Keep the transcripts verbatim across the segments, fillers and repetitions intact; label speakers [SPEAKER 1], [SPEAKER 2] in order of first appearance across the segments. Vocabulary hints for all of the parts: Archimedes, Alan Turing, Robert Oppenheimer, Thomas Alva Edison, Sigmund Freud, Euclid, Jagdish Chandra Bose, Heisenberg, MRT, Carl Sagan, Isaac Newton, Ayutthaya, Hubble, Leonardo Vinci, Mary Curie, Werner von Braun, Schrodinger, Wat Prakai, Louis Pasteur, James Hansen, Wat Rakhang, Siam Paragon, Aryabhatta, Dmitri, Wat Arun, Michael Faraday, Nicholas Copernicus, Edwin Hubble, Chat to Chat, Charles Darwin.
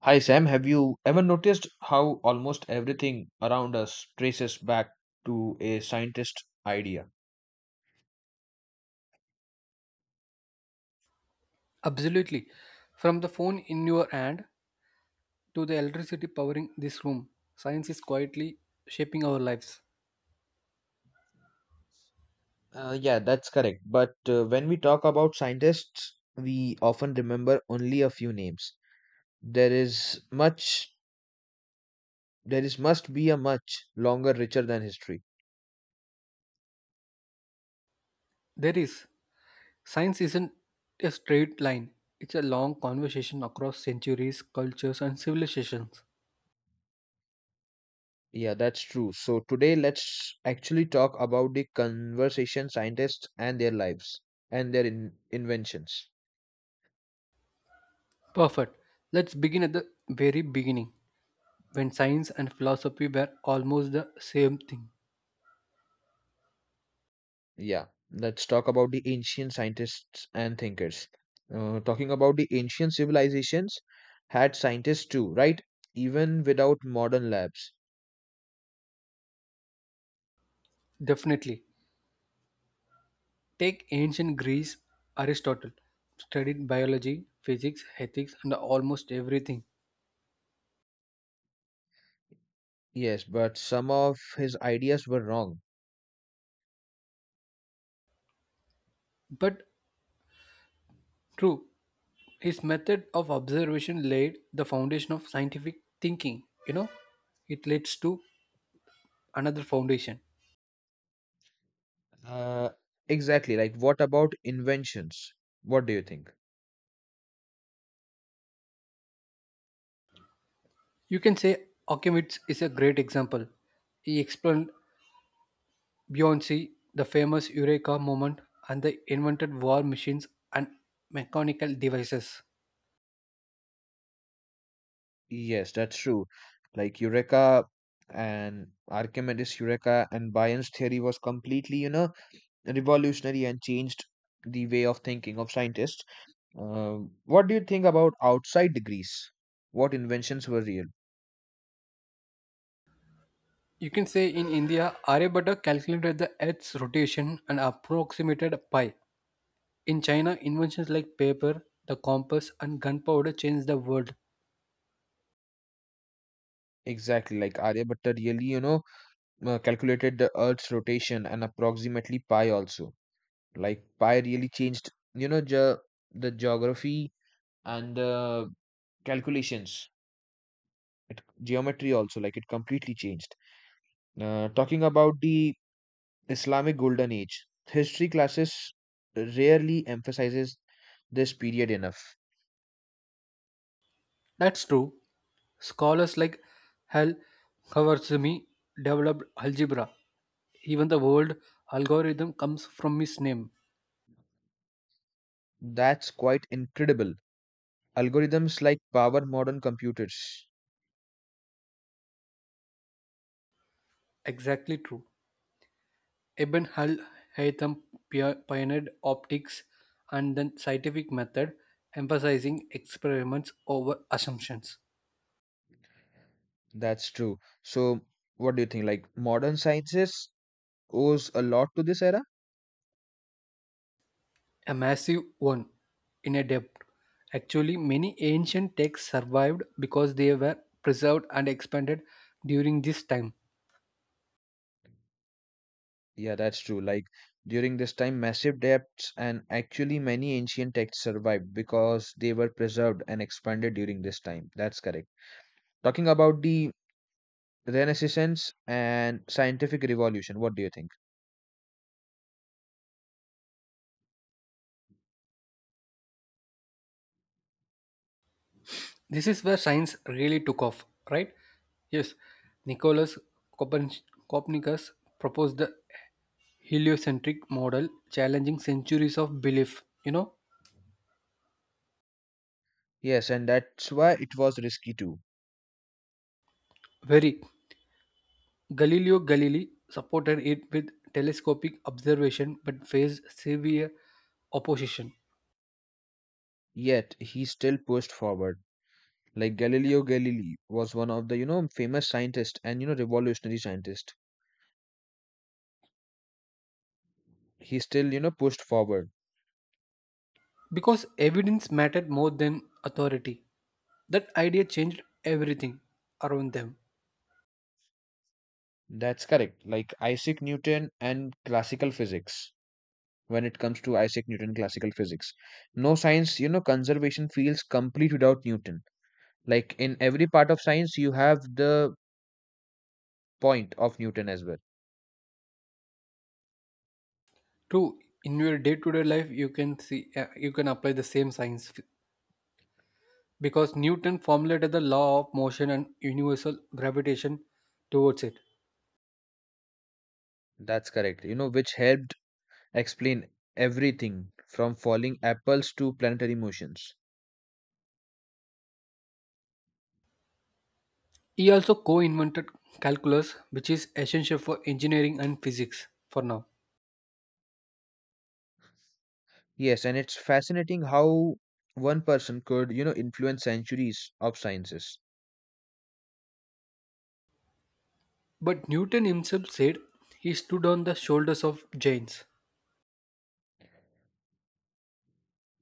[SPEAKER 1] Hi Sam, have you ever noticed how almost everything around us traces back to a scientist idea?
[SPEAKER 2] Absolutely. From the phone in your hand to the electricity powering this room, science is quietly shaping our lives.
[SPEAKER 1] Uh, yeah, that's correct. But uh, when we talk about scientists, we often remember only a few names. There is much, there is must be a much longer, richer than history.
[SPEAKER 2] There is. Science isn't a straight line, it's a long conversation across centuries, cultures, and civilizations.
[SPEAKER 1] Yeah, that's true. So today, let's actually talk about the conversation scientists and their lives and their in inventions.
[SPEAKER 2] Perfect. Let's begin at the very beginning, when science and philosophy were almost the same thing.
[SPEAKER 1] Yeah, let's talk about the ancient scientists and thinkers. Uh, talking about the ancient civilizations, had scientists too, right? Even without modern labs.
[SPEAKER 2] Definitely. Take ancient Greece, Aristotle studied biology, physics, ethics, and almost everything.
[SPEAKER 1] Yes, but some of his ideas were wrong.
[SPEAKER 2] But true. His method of observation laid the foundation of scientific thinking. You know, it leads to another foundation.
[SPEAKER 1] Uh, exactly. Like, what about inventions? What do you think?
[SPEAKER 2] You can say Archimedes is a great example. He explained beyond Beyonce, the famous Eureka moment, and they invented war machines and mechanical devices.
[SPEAKER 1] Yes, that's true. Like Eureka and Archimedes' Eureka and Bayes' theory was completely, you know, revolutionary and changed the way of thinking of scientists. Um, what do you think about outside Greece? What inventions were real?
[SPEAKER 2] You can say in India, Aryabhatta calculated the Earth's rotation and approximated pi. In China, inventions like paper, the compass, and gunpowder changed the world.
[SPEAKER 1] Exactly, like Aryabhatta really, you know, uh, calculated the Earth's rotation and approximately pi also. Like pi really changed, you know, ge- the geography and the calculations, it, geometry also. Like it completely changed. Uh, talking about the Islamic Golden Age, history classes rarely emphasizes this period enough.
[SPEAKER 2] That's true. Scholars like Hal Khwarizmi developed algebra. Even the word algorithm comes from his name.
[SPEAKER 1] That's quite incredible algorithms like power modern computers.
[SPEAKER 2] Exactly true. Ibn Hal Haytham pio- pioneered optics and then scientific method, emphasizing experiments over assumptions.
[SPEAKER 1] That's true. So, what do you think? Like, modern sciences owes a lot to this era?
[SPEAKER 2] A massive one in a depth. Actually, many ancient texts survived because they were preserved and expanded during this time.
[SPEAKER 1] Yeah, that's true. Like, during this time, massive depths and actually many ancient texts survived because they were preserved and expanded during this time. That's correct. Talking about the Renaissance and scientific revolution, what do you think?
[SPEAKER 2] This is where science really took off, right? Yes, Nicholas Copern- Copernicus proposed the heliocentric model, challenging centuries of belief. You know,
[SPEAKER 1] Yes, and that's why it was risky too.
[SPEAKER 2] very. Galileo Galilei supported it with telescopic observation but faced severe opposition
[SPEAKER 1] Yet, he still pushed forward. Like Galileo Galilei was one of the, you know, famous scientist and, you know, revolutionary scientist. He still, you know, pushed forward.
[SPEAKER 2] because evidence mattered more than authority. That idea changed everything around them.
[SPEAKER 1] That's correct. Like Isaac Newton and classical physics. When it comes to Isaac Newton classical physics, no science, you know, conservation feels complete without Newton. Like in every part of science you have the point of Newton as well.
[SPEAKER 2] True, in your day-to-day life, you can see uh, you can apply the same science because Newton formulated the law of motion and universal gravitation towards it.
[SPEAKER 1] That's correct, you know, which helped explain everything from falling apples to planetary motions.
[SPEAKER 2] He also co invented calculus, which is essential for engineering and physics for now.
[SPEAKER 1] Yes, and it's fascinating how one person could, you know, influence centuries of sciences.
[SPEAKER 2] But Newton himself said he stood on the shoulders of giants.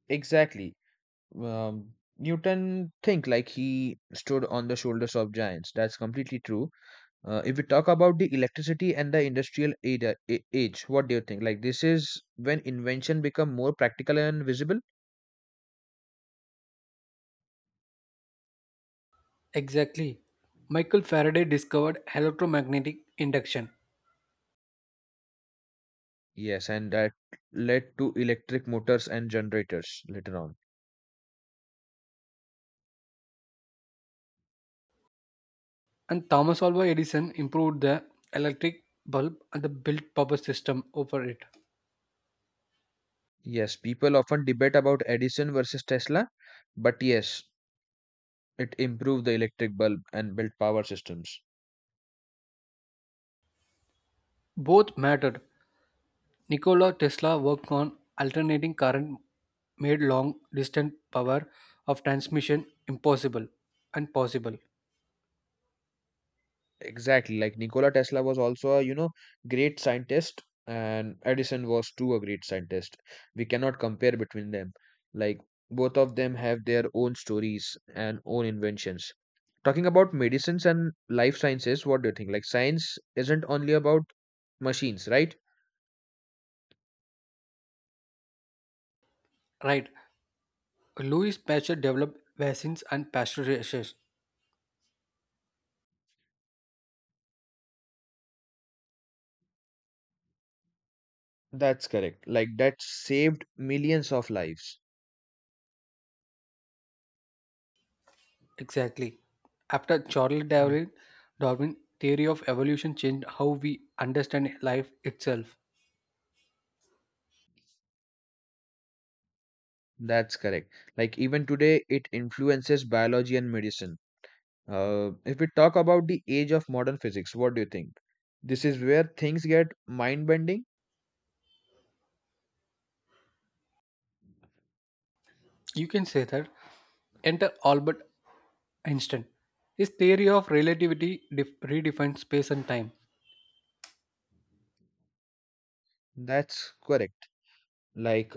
[SPEAKER 1] Exactly. Um, Newton think like he stood on the shoulders of giants. That's completely true. Uh, if we talk about the electricity and the industrial ada- a- age, what do you think? Like this is when invention become more practical and visible?
[SPEAKER 2] Exactly. Michael Faraday discovered electromagnetic induction,
[SPEAKER 1] Yes, and that led to electric motors and generators later on.
[SPEAKER 2] and Thomas Alva Edison improved the electric bulb and the built power system over it.
[SPEAKER 1] Yes, people often debate about Edison versus Tesla, but yes, it improved the electric bulb and built power systems.
[SPEAKER 2] Both mattered, Nikola Tesla worked on alternating current made long distance power of transmission impossible and possible.
[SPEAKER 1] Exactly, like Nikola Tesla was also a, you know, great scientist and Edison was too a great scientist. We cannot compare between them. Like both of them have their own stories and own inventions. Talking about medicines and life sciences, what do you think? Like science isn't only about machines, right?
[SPEAKER 2] Right. Louis Pasteur developed vaccines and pasteurization.
[SPEAKER 1] That's correct. Like that saved millions of lives.
[SPEAKER 2] Exactly. After Charles
[SPEAKER 1] Mm.
[SPEAKER 2] Darwin, Darwin theory of evolution changed how we understand life itself.
[SPEAKER 1] That's correct. Like even today, it influences biology and medicine. Uh, if we talk about the age of modern physics, what do you think? This is where things get mind bending.
[SPEAKER 2] You can say that. Enter Albert Einstein. His theory of relativity def- redefines space and time,
[SPEAKER 1] That's correct. Like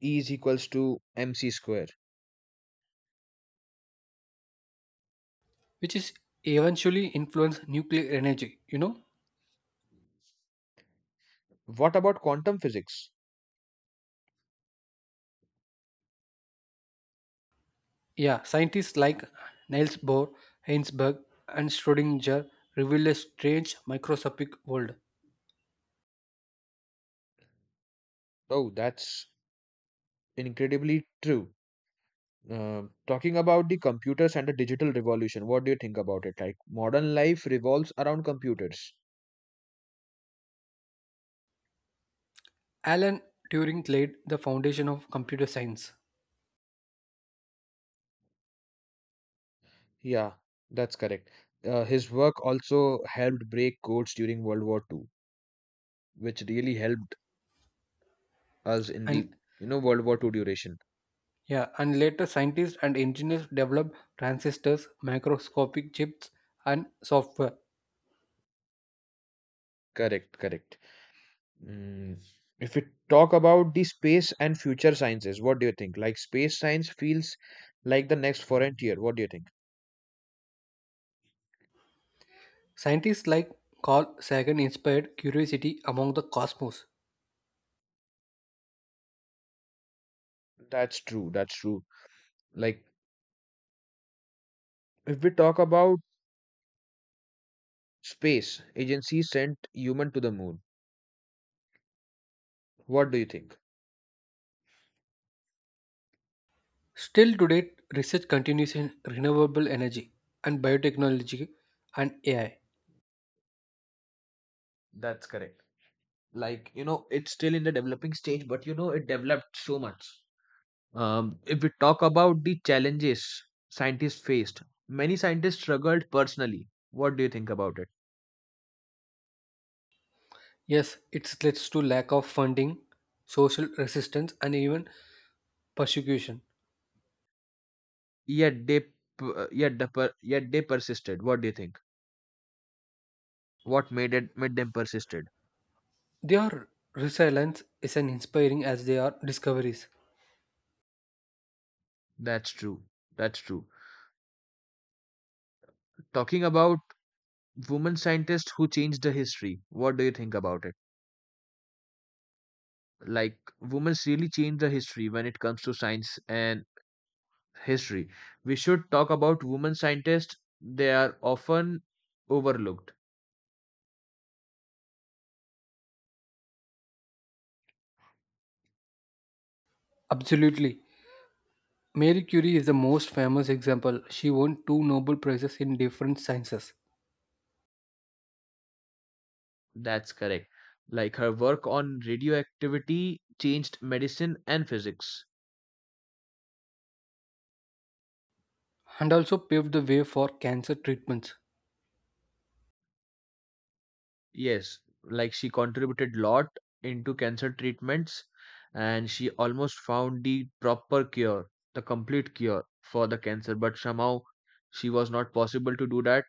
[SPEAKER 1] E is equals to mc square.
[SPEAKER 2] which is eventually influence nuclear energy. You know,
[SPEAKER 1] What about quantum physics?
[SPEAKER 2] yeah, scientists like Niels Bohr, Heisenberg, and Schrodinger revealed a strange microscopic world.
[SPEAKER 1] Oh, that's incredibly true. Uh, talking about the computers and the digital revolution, what do you think about it? Like modern life revolves around computers.
[SPEAKER 2] Alan Turing laid the foundation of computer science,
[SPEAKER 1] Yeah, that's correct. Uh, his work also helped break codes during World War Two, which really helped us in
[SPEAKER 2] and
[SPEAKER 1] the, you know, World War Two duration.
[SPEAKER 2] yeah, and later scientists and engineers developed transistors, microscopic chips, and software.
[SPEAKER 1] Correct, correct. Mm. If we talk about the space and future sciences, what do you think? Like space science feels like the next frontier. What do you think?
[SPEAKER 2] Scientists like Carl Sagan inspired curiosity among the cosmos.
[SPEAKER 1] That's true. That's true. Like if we talk about space, agency sent human to the moon. What do you think?
[SPEAKER 2] Still today, research continues in renewable energy and biotechnology and A I.
[SPEAKER 1] That's correct. Like, you know, it's still in the developing stage, but, you know, it developed so much. Um, if we talk about the challenges scientists faced, many scientists struggled personally. What do you think about it?
[SPEAKER 2] Yes, it leads to lack of funding, social resistance, and even persecution.
[SPEAKER 1] Yet they, p- uh, yet the per, yet they persisted. What do you think? What made it made them persisted?
[SPEAKER 2] Their resilience is an inspiring as they are discoveries.
[SPEAKER 1] That's true. That's true. Talking about women scientists who changed the history. What do you think about it? Like women really changed the history when it comes to science and history. We should talk about women scientists. They are often overlooked.
[SPEAKER 2] Absolutely. Mary Curie is the most famous example. She won two Nobel Prizes in different sciences
[SPEAKER 1] That's correct. Like her work on radioactivity changed medicine and physics.
[SPEAKER 2] and also paved the way for cancer treatments.
[SPEAKER 1] Yes, like she contributed lot into cancer treatments and she almost found the proper cure, the complete cure for the cancer, but somehow she was not possible to do that,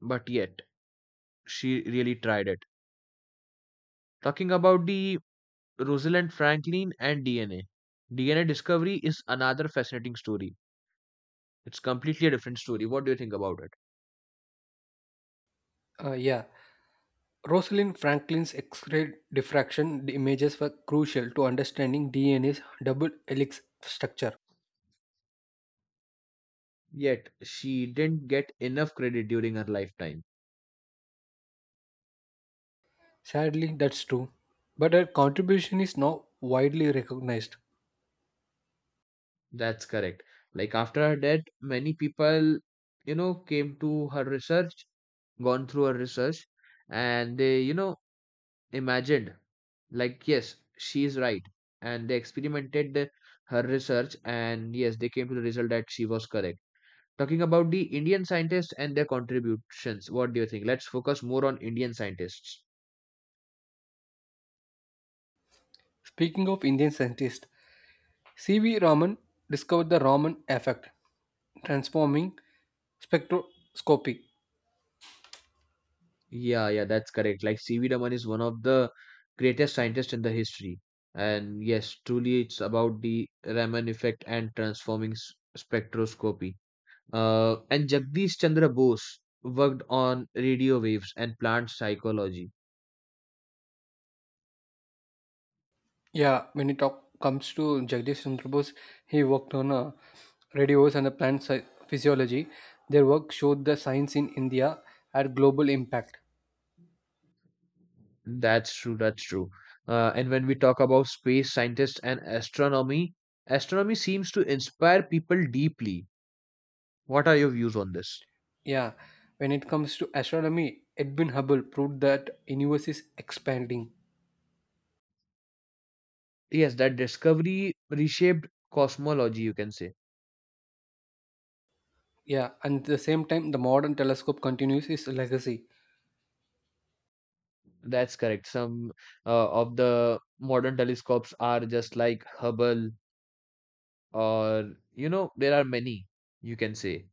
[SPEAKER 1] but yet she really tried it. Talking about the Rosalind Franklin and D N A. D N A discovery is another fascinating story. It's completely a different story. What do you think about it?
[SPEAKER 2] Uh, yeah, Rosalind Franklin's X-ray diffraction images were crucial to understanding D N A's double helix structure.
[SPEAKER 1] Yet she didn't get enough credit during her lifetime.
[SPEAKER 2] Sadly, that's true, but her contribution is now widely recognized.
[SPEAKER 1] That's correct. Like after her death, many people, you know, came to her research, gone through her research, and they, you know, imagined like, yes, she is right. And they experimented the- her research, and yes, they came to the result that she was correct. Talking about the Indian scientists and their contributions, what do you think? Let's focus more on Indian scientists.
[SPEAKER 2] Speaking of Indian scientists, C V. Raman discovered the Raman effect, transforming spectroscopy.
[SPEAKER 1] Yeah, yeah, that's correct. Like C V. Raman is one of the greatest scientists in the history. And yes, truly it's about the Raman effect and transforming s- spectroscopy. Uh, and Jagdish Chandra Bose worked on radio waves and plant psychology.
[SPEAKER 2] Yeah, when it talk, comes to Jagdish Chandra Bose, he worked on uh, radios and the plant sci- physiology. Their work showed the science in India had global impact.
[SPEAKER 1] That's true, that's true. Uh, and when we talk about space scientists and astronomy, astronomy seems to inspire people deeply. What are your views on this?
[SPEAKER 2] Yeah, when it comes to astronomy, Edwin Hubble proved that universe is expanding.
[SPEAKER 1] Yes, that discovery reshaped cosmology, you can say.
[SPEAKER 2] Yeah, and at the same time, the modern telescope continues its legacy.
[SPEAKER 1] That's correct. Some uh, of the modern telescopes are just like Hubble, or, you know, there are many you can say.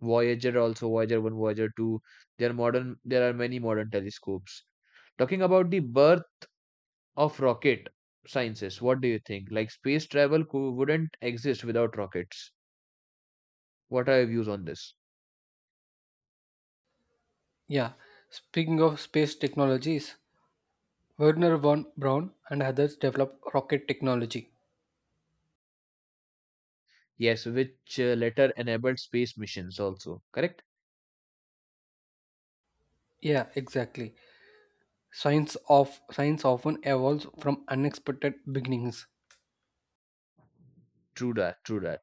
[SPEAKER 1] Voyager also, Voyager one, Voyager two. There are modern, there are many modern telescopes. Talking about the birth of rocket sciences, what do you think? Like space travel cou- wouldn't exist without rockets. What are your views on this?
[SPEAKER 2] Yeah, speaking of space technologies, Werner von Braun and others developed rocket technology.
[SPEAKER 1] Yes, which uh, later enabled space missions also, correct?
[SPEAKER 2] Yeah, exactly. Science of science often evolves from unexpected beginnings.
[SPEAKER 1] True that, true that.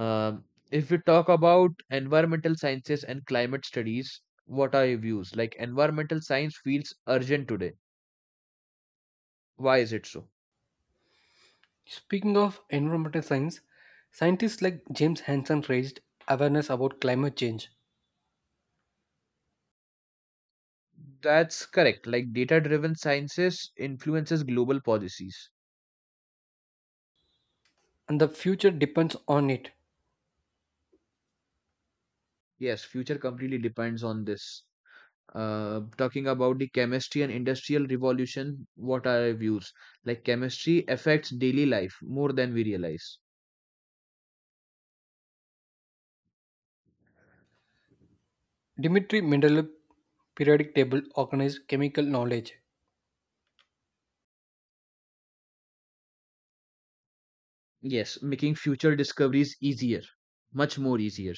[SPEAKER 1] Um, if we talk about environmental sciences and climate studies, what are your views? Like environmental science feels urgent today. Why is it so?
[SPEAKER 2] Speaking of environmental science, scientists like James Hansen raised awareness about climate change,
[SPEAKER 1] That's correct. Like data-driven sciences influences global policies.
[SPEAKER 2] and the future depends on it.
[SPEAKER 1] Yes, future completely depends on this. Uh, talking about the chemistry and industrial revolution, what are your views? Like chemistry affects daily life more than we realize.
[SPEAKER 2] Dmitri Mendeleev periodic table organized chemical knowledge.
[SPEAKER 1] Yes, making future discoveries easier, much more easier.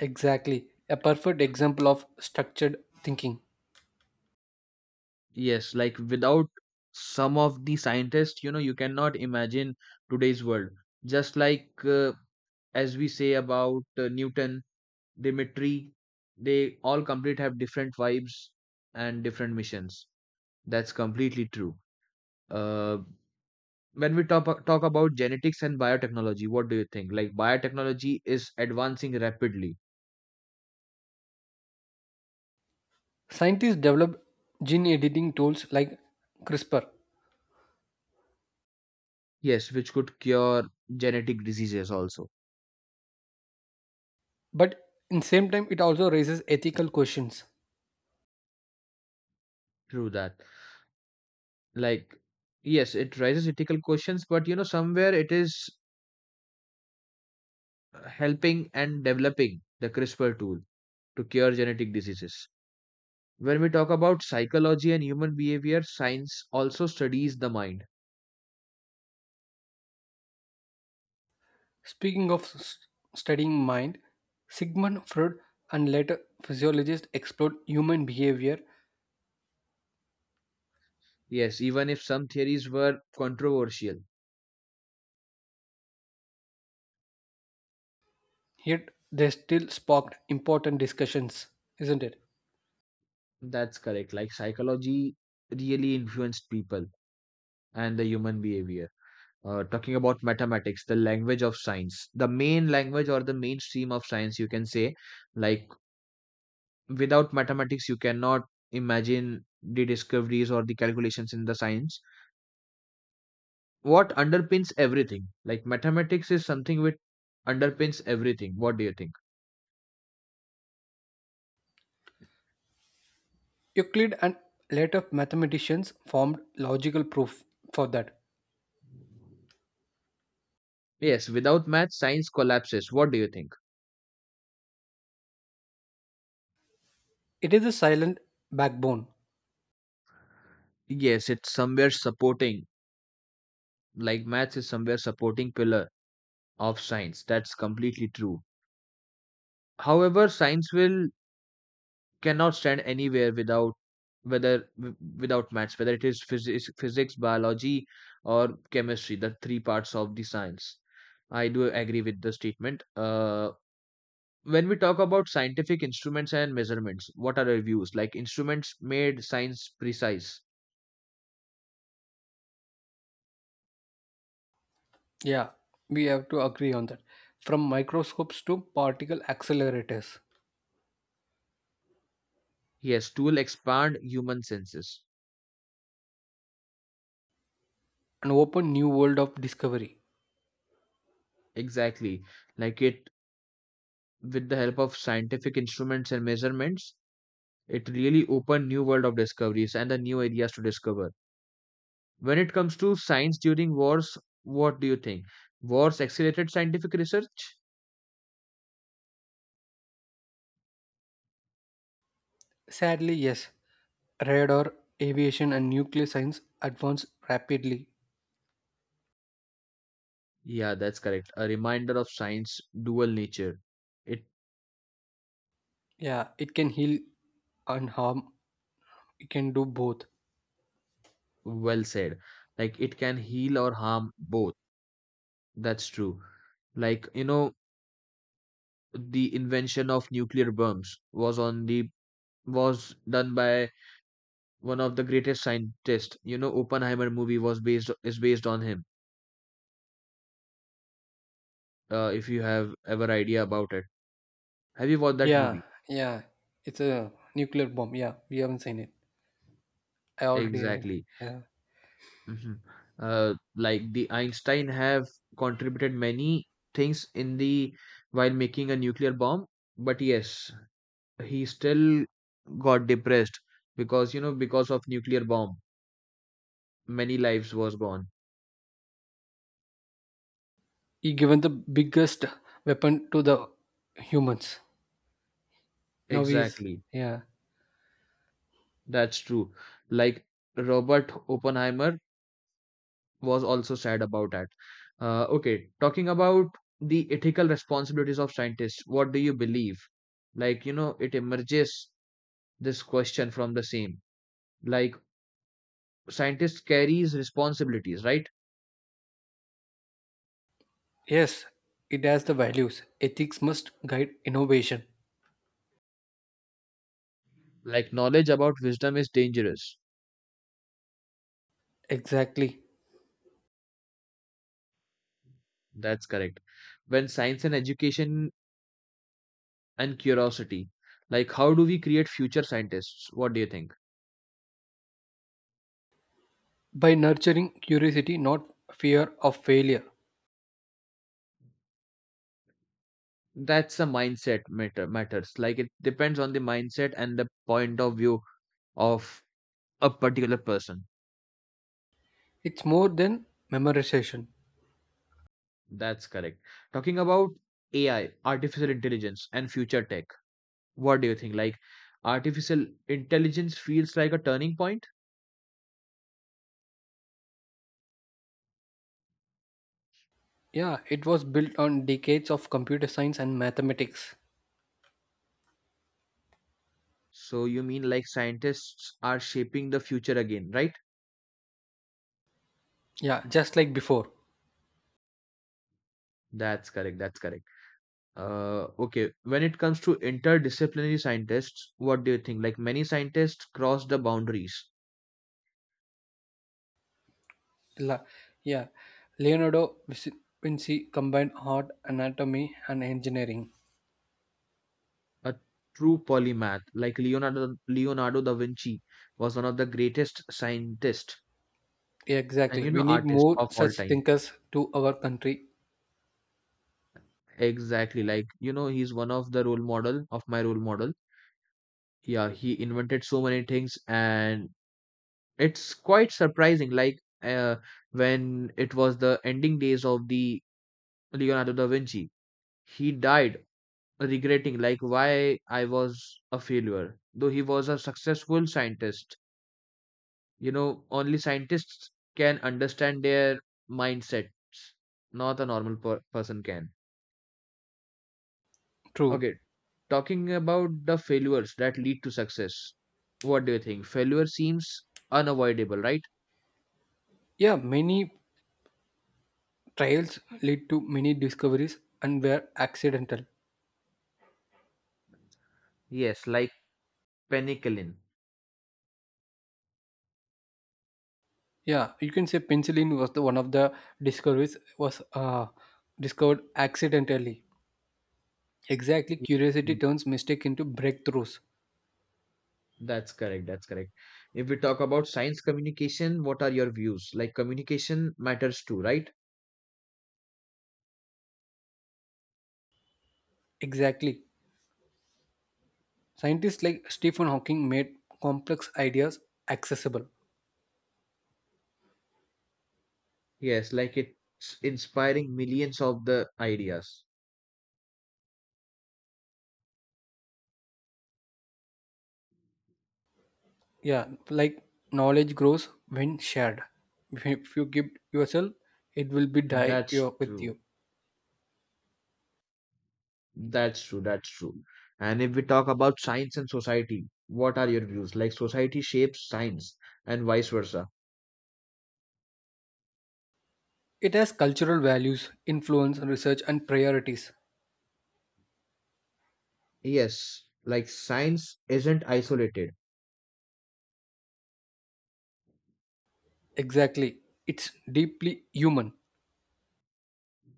[SPEAKER 2] Exactly, a perfect example of structured thinking.
[SPEAKER 1] Yes, like without some of the scientists, you know, you cannot imagine today's world. Just like uh, as we say about uh, Newton, Dimitri, they all complete have different vibes and different missions. That's completely true. Uh, when we talk talk about genetics and biotechnology, what do you think? Like biotechnology is advancing rapidly.
[SPEAKER 2] Scientists developed gene editing tools like CRISPR,
[SPEAKER 1] Yes, which could cure genetic diseases also.
[SPEAKER 2] but in same time it also raises ethical questions.
[SPEAKER 1] True that. Like yes it raises ethical questions, but you know somewhere it is helping and developing the CRISPR tool to cure genetic diseases. When we talk about psychology and human behavior, science also studies the mind.
[SPEAKER 2] Speaking of s- studying mind, Sigmund Freud and later physiologists explored human behavior,
[SPEAKER 1] Yes, even if some theories were controversial.
[SPEAKER 2] yet they still sparked important discussions, isn't it?
[SPEAKER 1] That's correct. Like psychology really influenced people and the human behavior. Uh, talking about mathematics, the language of science, the main language or the mainstream of science you can say. Like without mathematics you cannot imagine the discoveries or the calculations in the science. What underpins everything, like mathematics is something which underpins everything, what do you think?
[SPEAKER 2] Euclid and later mathematicians formed logical proof for that.
[SPEAKER 1] Yes, without math science collapses, what do you think?
[SPEAKER 2] It is a silent backbone.
[SPEAKER 1] Yes, it's somewhere supporting, like maths is somewhere supporting pillar of science. That's completely true. However science will cannot stand anywhere without, whether w- without maths, whether it is physics, physics, biology or chemistry, the three parts of the science. I do agree with the statement. Uh, when we talk about scientific instruments and measurements, what are our views? Like instruments made science precise.
[SPEAKER 2] Yeah, we have to agree on that. From microscopes to particle accelerators,
[SPEAKER 1] Yes, tool expand human senses.
[SPEAKER 2] an open new world of discovery.
[SPEAKER 1] Exactly. Like it, with the help of scientific instruments and measurements, it really opened new world of discoveries and the new areas to discover. When it comes to science during wars, what do you think? Wars accelerated scientific research?
[SPEAKER 2] Sadly, yes, radar, aviation, and nuclear science advance rapidly.
[SPEAKER 1] Yeah, that's correct. A reminder of science dual nature. It,
[SPEAKER 2] Yeah, it can heal and harm, it can do both.
[SPEAKER 1] well said. Like it can heal or harm both. That's true. Like, you know, the invention of nuclear bombs was on the was done by one of the greatest scientists. You know, Oppenheimer movie was based is based on him. Uh, if you have ever idea about it. Have you watched that
[SPEAKER 2] Yeah,
[SPEAKER 1] movie?
[SPEAKER 2] yeah, it's a nuclear bomb. Yeah, we haven't seen it. I already have.
[SPEAKER 1] Exactly.
[SPEAKER 2] Yeah.
[SPEAKER 1] Mhm. Uh, like the Einstein have contributed many things in the while making a nuclear bomb, but yes, he still got depressed because, you know, because of nuclear bomb, many lives was gone.
[SPEAKER 2] He given the biggest weapon to the humans. Now he's
[SPEAKER 1] Exactly,
[SPEAKER 2] yeah.
[SPEAKER 1] that's true. Like Robert Oppenheimer was also sad about that. Uh, okay, talking about the ethical responsibilities of scientists, what do you believe? Like, you know, it emerges this question from the same. Like scientists carries responsibilities, right?
[SPEAKER 2] Yes, it has the values. Ethics must guide innovation.
[SPEAKER 1] Like knowledge about wisdom is dangerous.
[SPEAKER 2] Exactly.
[SPEAKER 1] That's correct. When science and education and curiosity, like how do we create future scientists, what do you think?
[SPEAKER 2] By nurturing curiosity, not fear of failure.
[SPEAKER 1] That's a mindset matter matters, like it depends on the mindset and the point of view of a particular person.
[SPEAKER 2] It's more than memorization.
[SPEAKER 1] That's correct. Talking about A I, artificial intelligence and future tech, what do you think? Like artificial intelligence feels like a turning point.
[SPEAKER 2] Yeah, it was built on decades of computer science and mathematics.
[SPEAKER 1] So you mean like scientists are shaping the future again, right?
[SPEAKER 2] Yeah, just like before.
[SPEAKER 1] That's correct. That's correct. Uh, okay. When it comes to interdisciplinary scientists, what do you think? Like many scientists cross the boundaries.
[SPEAKER 2] La- yeah, Leonardo Vinci combined art, anatomy, and engineering.
[SPEAKER 1] A true polymath, like Leonardo Leonardo da Vinci, was one of the greatest scientists and
[SPEAKER 2] Exactly.
[SPEAKER 1] you
[SPEAKER 2] We
[SPEAKER 1] know
[SPEAKER 2] need
[SPEAKER 1] artists
[SPEAKER 2] more
[SPEAKER 1] of all
[SPEAKER 2] such
[SPEAKER 1] time.
[SPEAKER 2] thinkers to our country.
[SPEAKER 1] Exactly. Like you know, he's one of the role model of my role model. Yeah, he invented so many things. And it's quite surprising, like uh, when it was the ending days of the Leonardo da Vinci, he died regretting like why I was a failure, though he was a successful scientist. You know, only scientists can understand their mindsets, not a normal per- person can.
[SPEAKER 2] True.
[SPEAKER 1] Okay, talking about the failures that lead to success. What do you think? Failure seems unavoidable, right?
[SPEAKER 2] Yeah, many trials lead to many discoveries and were accidental.
[SPEAKER 1] Yes, like penicillin.
[SPEAKER 2] Yeah, you can say penicillin was the one of the discoveries was uh, discovered accidentally. Exactly, curiosity turns mistake into breakthroughs.
[SPEAKER 1] That's correct. That's correct. If we talk about science communication, what are your views? Like communication matters too, right?
[SPEAKER 2] Exactly. Scientists like Stephen Hawking made complex ideas accessible.
[SPEAKER 1] Yes, like it's inspiring millions of the ideas.
[SPEAKER 2] Yeah, like knowledge grows when shared. If you if you give yourself, it will be die
[SPEAKER 1] That's
[SPEAKER 2] your, with
[SPEAKER 1] true.
[SPEAKER 2] you.
[SPEAKER 1] That's true. That's true. And if we talk about science and society, what are your views? Like society shapes science and vice versa.
[SPEAKER 2] It has cultural values influence research and priorities.
[SPEAKER 1] Yes, like science isn't isolated.
[SPEAKER 2] Exactly. It's deeply human.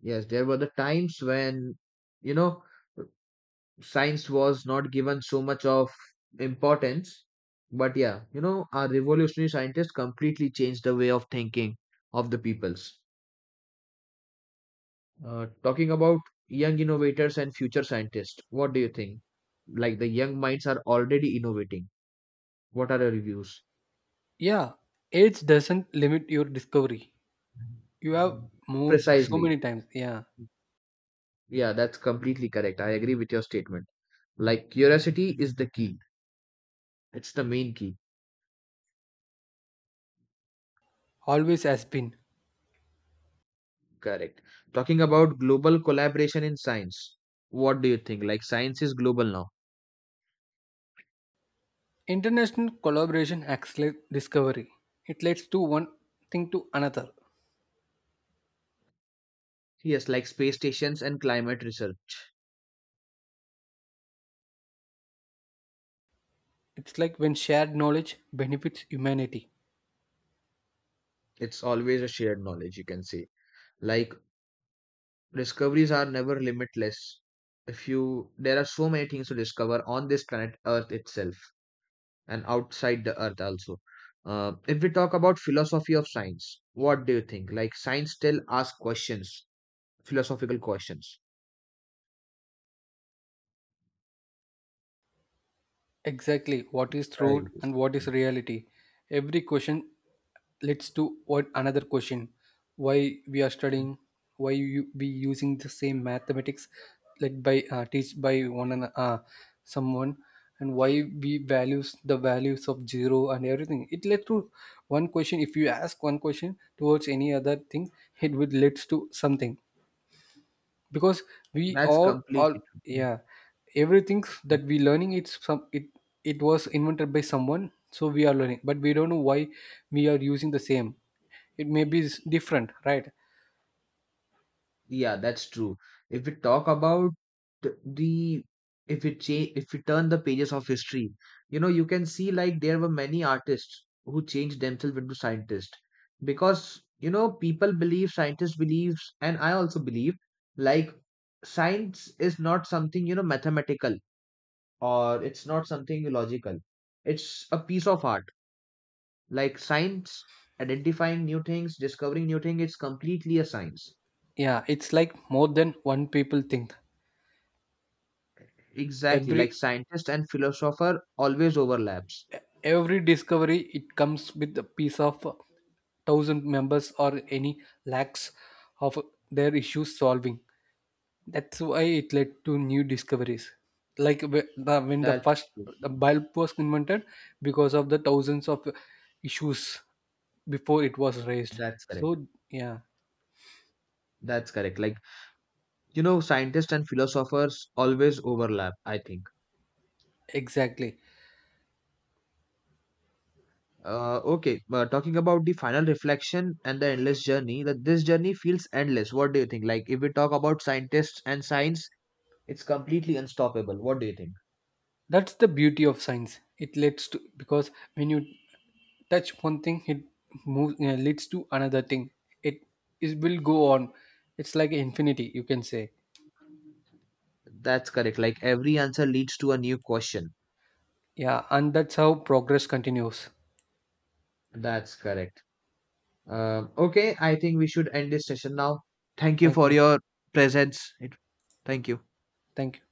[SPEAKER 1] Yes, there were the times when, you know, science was not given so much of importance. But yeah, you know, our revolutionary scientists completely changed the way of thinking of the peoples. Uh, talking about young innovators and future scientists, what do you think? Like the young minds are already innovating, what are your reviews?
[SPEAKER 2] Yeah, age doesn't limit your discovery. You have more, so
[SPEAKER 1] Precisely.
[SPEAKER 2] many times. Yeah,
[SPEAKER 1] Yeah, that's completely correct, I agree with your statement. Like curiosity is the key, it's the main key.
[SPEAKER 2] always has been.
[SPEAKER 1] Correct. Talking about global collaboration in science, what do you think? Like science is global now.
[SPEAKER 2] International collaboration accelerates discovery. It leads to one thing to another.
[SPEAKER 1] Yes, like space stations and climate research.
[SPEAKER 2] It's like when shared knowledge benefits humanity.
[SPEAKER 1] It's always a shared knowledge, you can say. Like discoveries are never limitless. If you, there are so many things to discover on this planet Earth itself and outside the Earth also. Uh, if we talk about philosophy of science, what do you think? Like science still asks questions, philosophical questions.
[SPEAKER 2] Exactly, what is
[SPEAKER 1] Right.
[SPEAKER 2] truth and what is reality. Every question leads to what another question. Why we are studying, why you be using the same mathematics led by uh, teach by one and uh, someone, and why we values the values of zero and everything. It led to one question. If you ask one question towards any other thing, it would leads to something because we
[SPEAKER 1] That's
[SPEAKER 2] are all.
[SPEAKER 1] completely true.
[SPEAKER 2] Yeah, everything that we learning, it's some it it was invented by someone so we are learning but we don't know why we are using the same. It may be s- different, right?
[SPEAKER 1] Yeah, that's true. If we talk about th- the, if we change, if we turn the pages of history, you know, you can see like there were many artists who changed themselves into scientists, because you know people believe, scientists believes and I also believe like science is not something you know mathematical or it's not something logical. It's a piece of art. Like science, identifying new things, discovering new things, it's completely a science.
[SPEAKER 2] Yeah, it's like more than one people think.
[SPEAKER 1] Exactly, like
[SPEAKER 2] every
[SPEAKER 1] scientist and philosopher always overlaps.
[SPEAKER 2] every discovery, it comes with a piece of uh, thousand members or any lakhs of their issues solving. That's why it led to new discoveries. Like wh- the, when the first
[SPEAKER 1] That's true.
[SPEAKER 2] the bulb was invented, because of the thousands of issues before it was raised.
[SPEAKER 1] That's correct.
[SPEAKER 2] So yeah,
[SPEAKER 1] That's correct. Like, you know, scientists and philosophers always overlap, I think.
[SPEAKER 2] exactly.
[SPEAKER 1] Uh, okay, uh, talking about the final reflection and the endless journey, that this journey feels endless. What do you think? Like, if we talk about scientists and science, it's completely unstoppable. What do you think?
[SPEAKER 2] That's the beauty of science. It leads to because when you touch one thing, it moves uh, leads to another thing. It it will go on. It's like infinity, you can say.
[SPEAKER 1] That's correct. Like, every answer leads to a new question.
[SPEAKER 2] Yeah, and that's how progress continues.
[SPEAKER 1] That's correct. Um, okay, I think we should end this session now. Thank you
[SPEAKER 2] Thank
[SPEAKER 1] for
[SPEAKER 2] you.
[SPEAKER 1] your presence. It, thank you.
[SPEAKER 2] Thank you.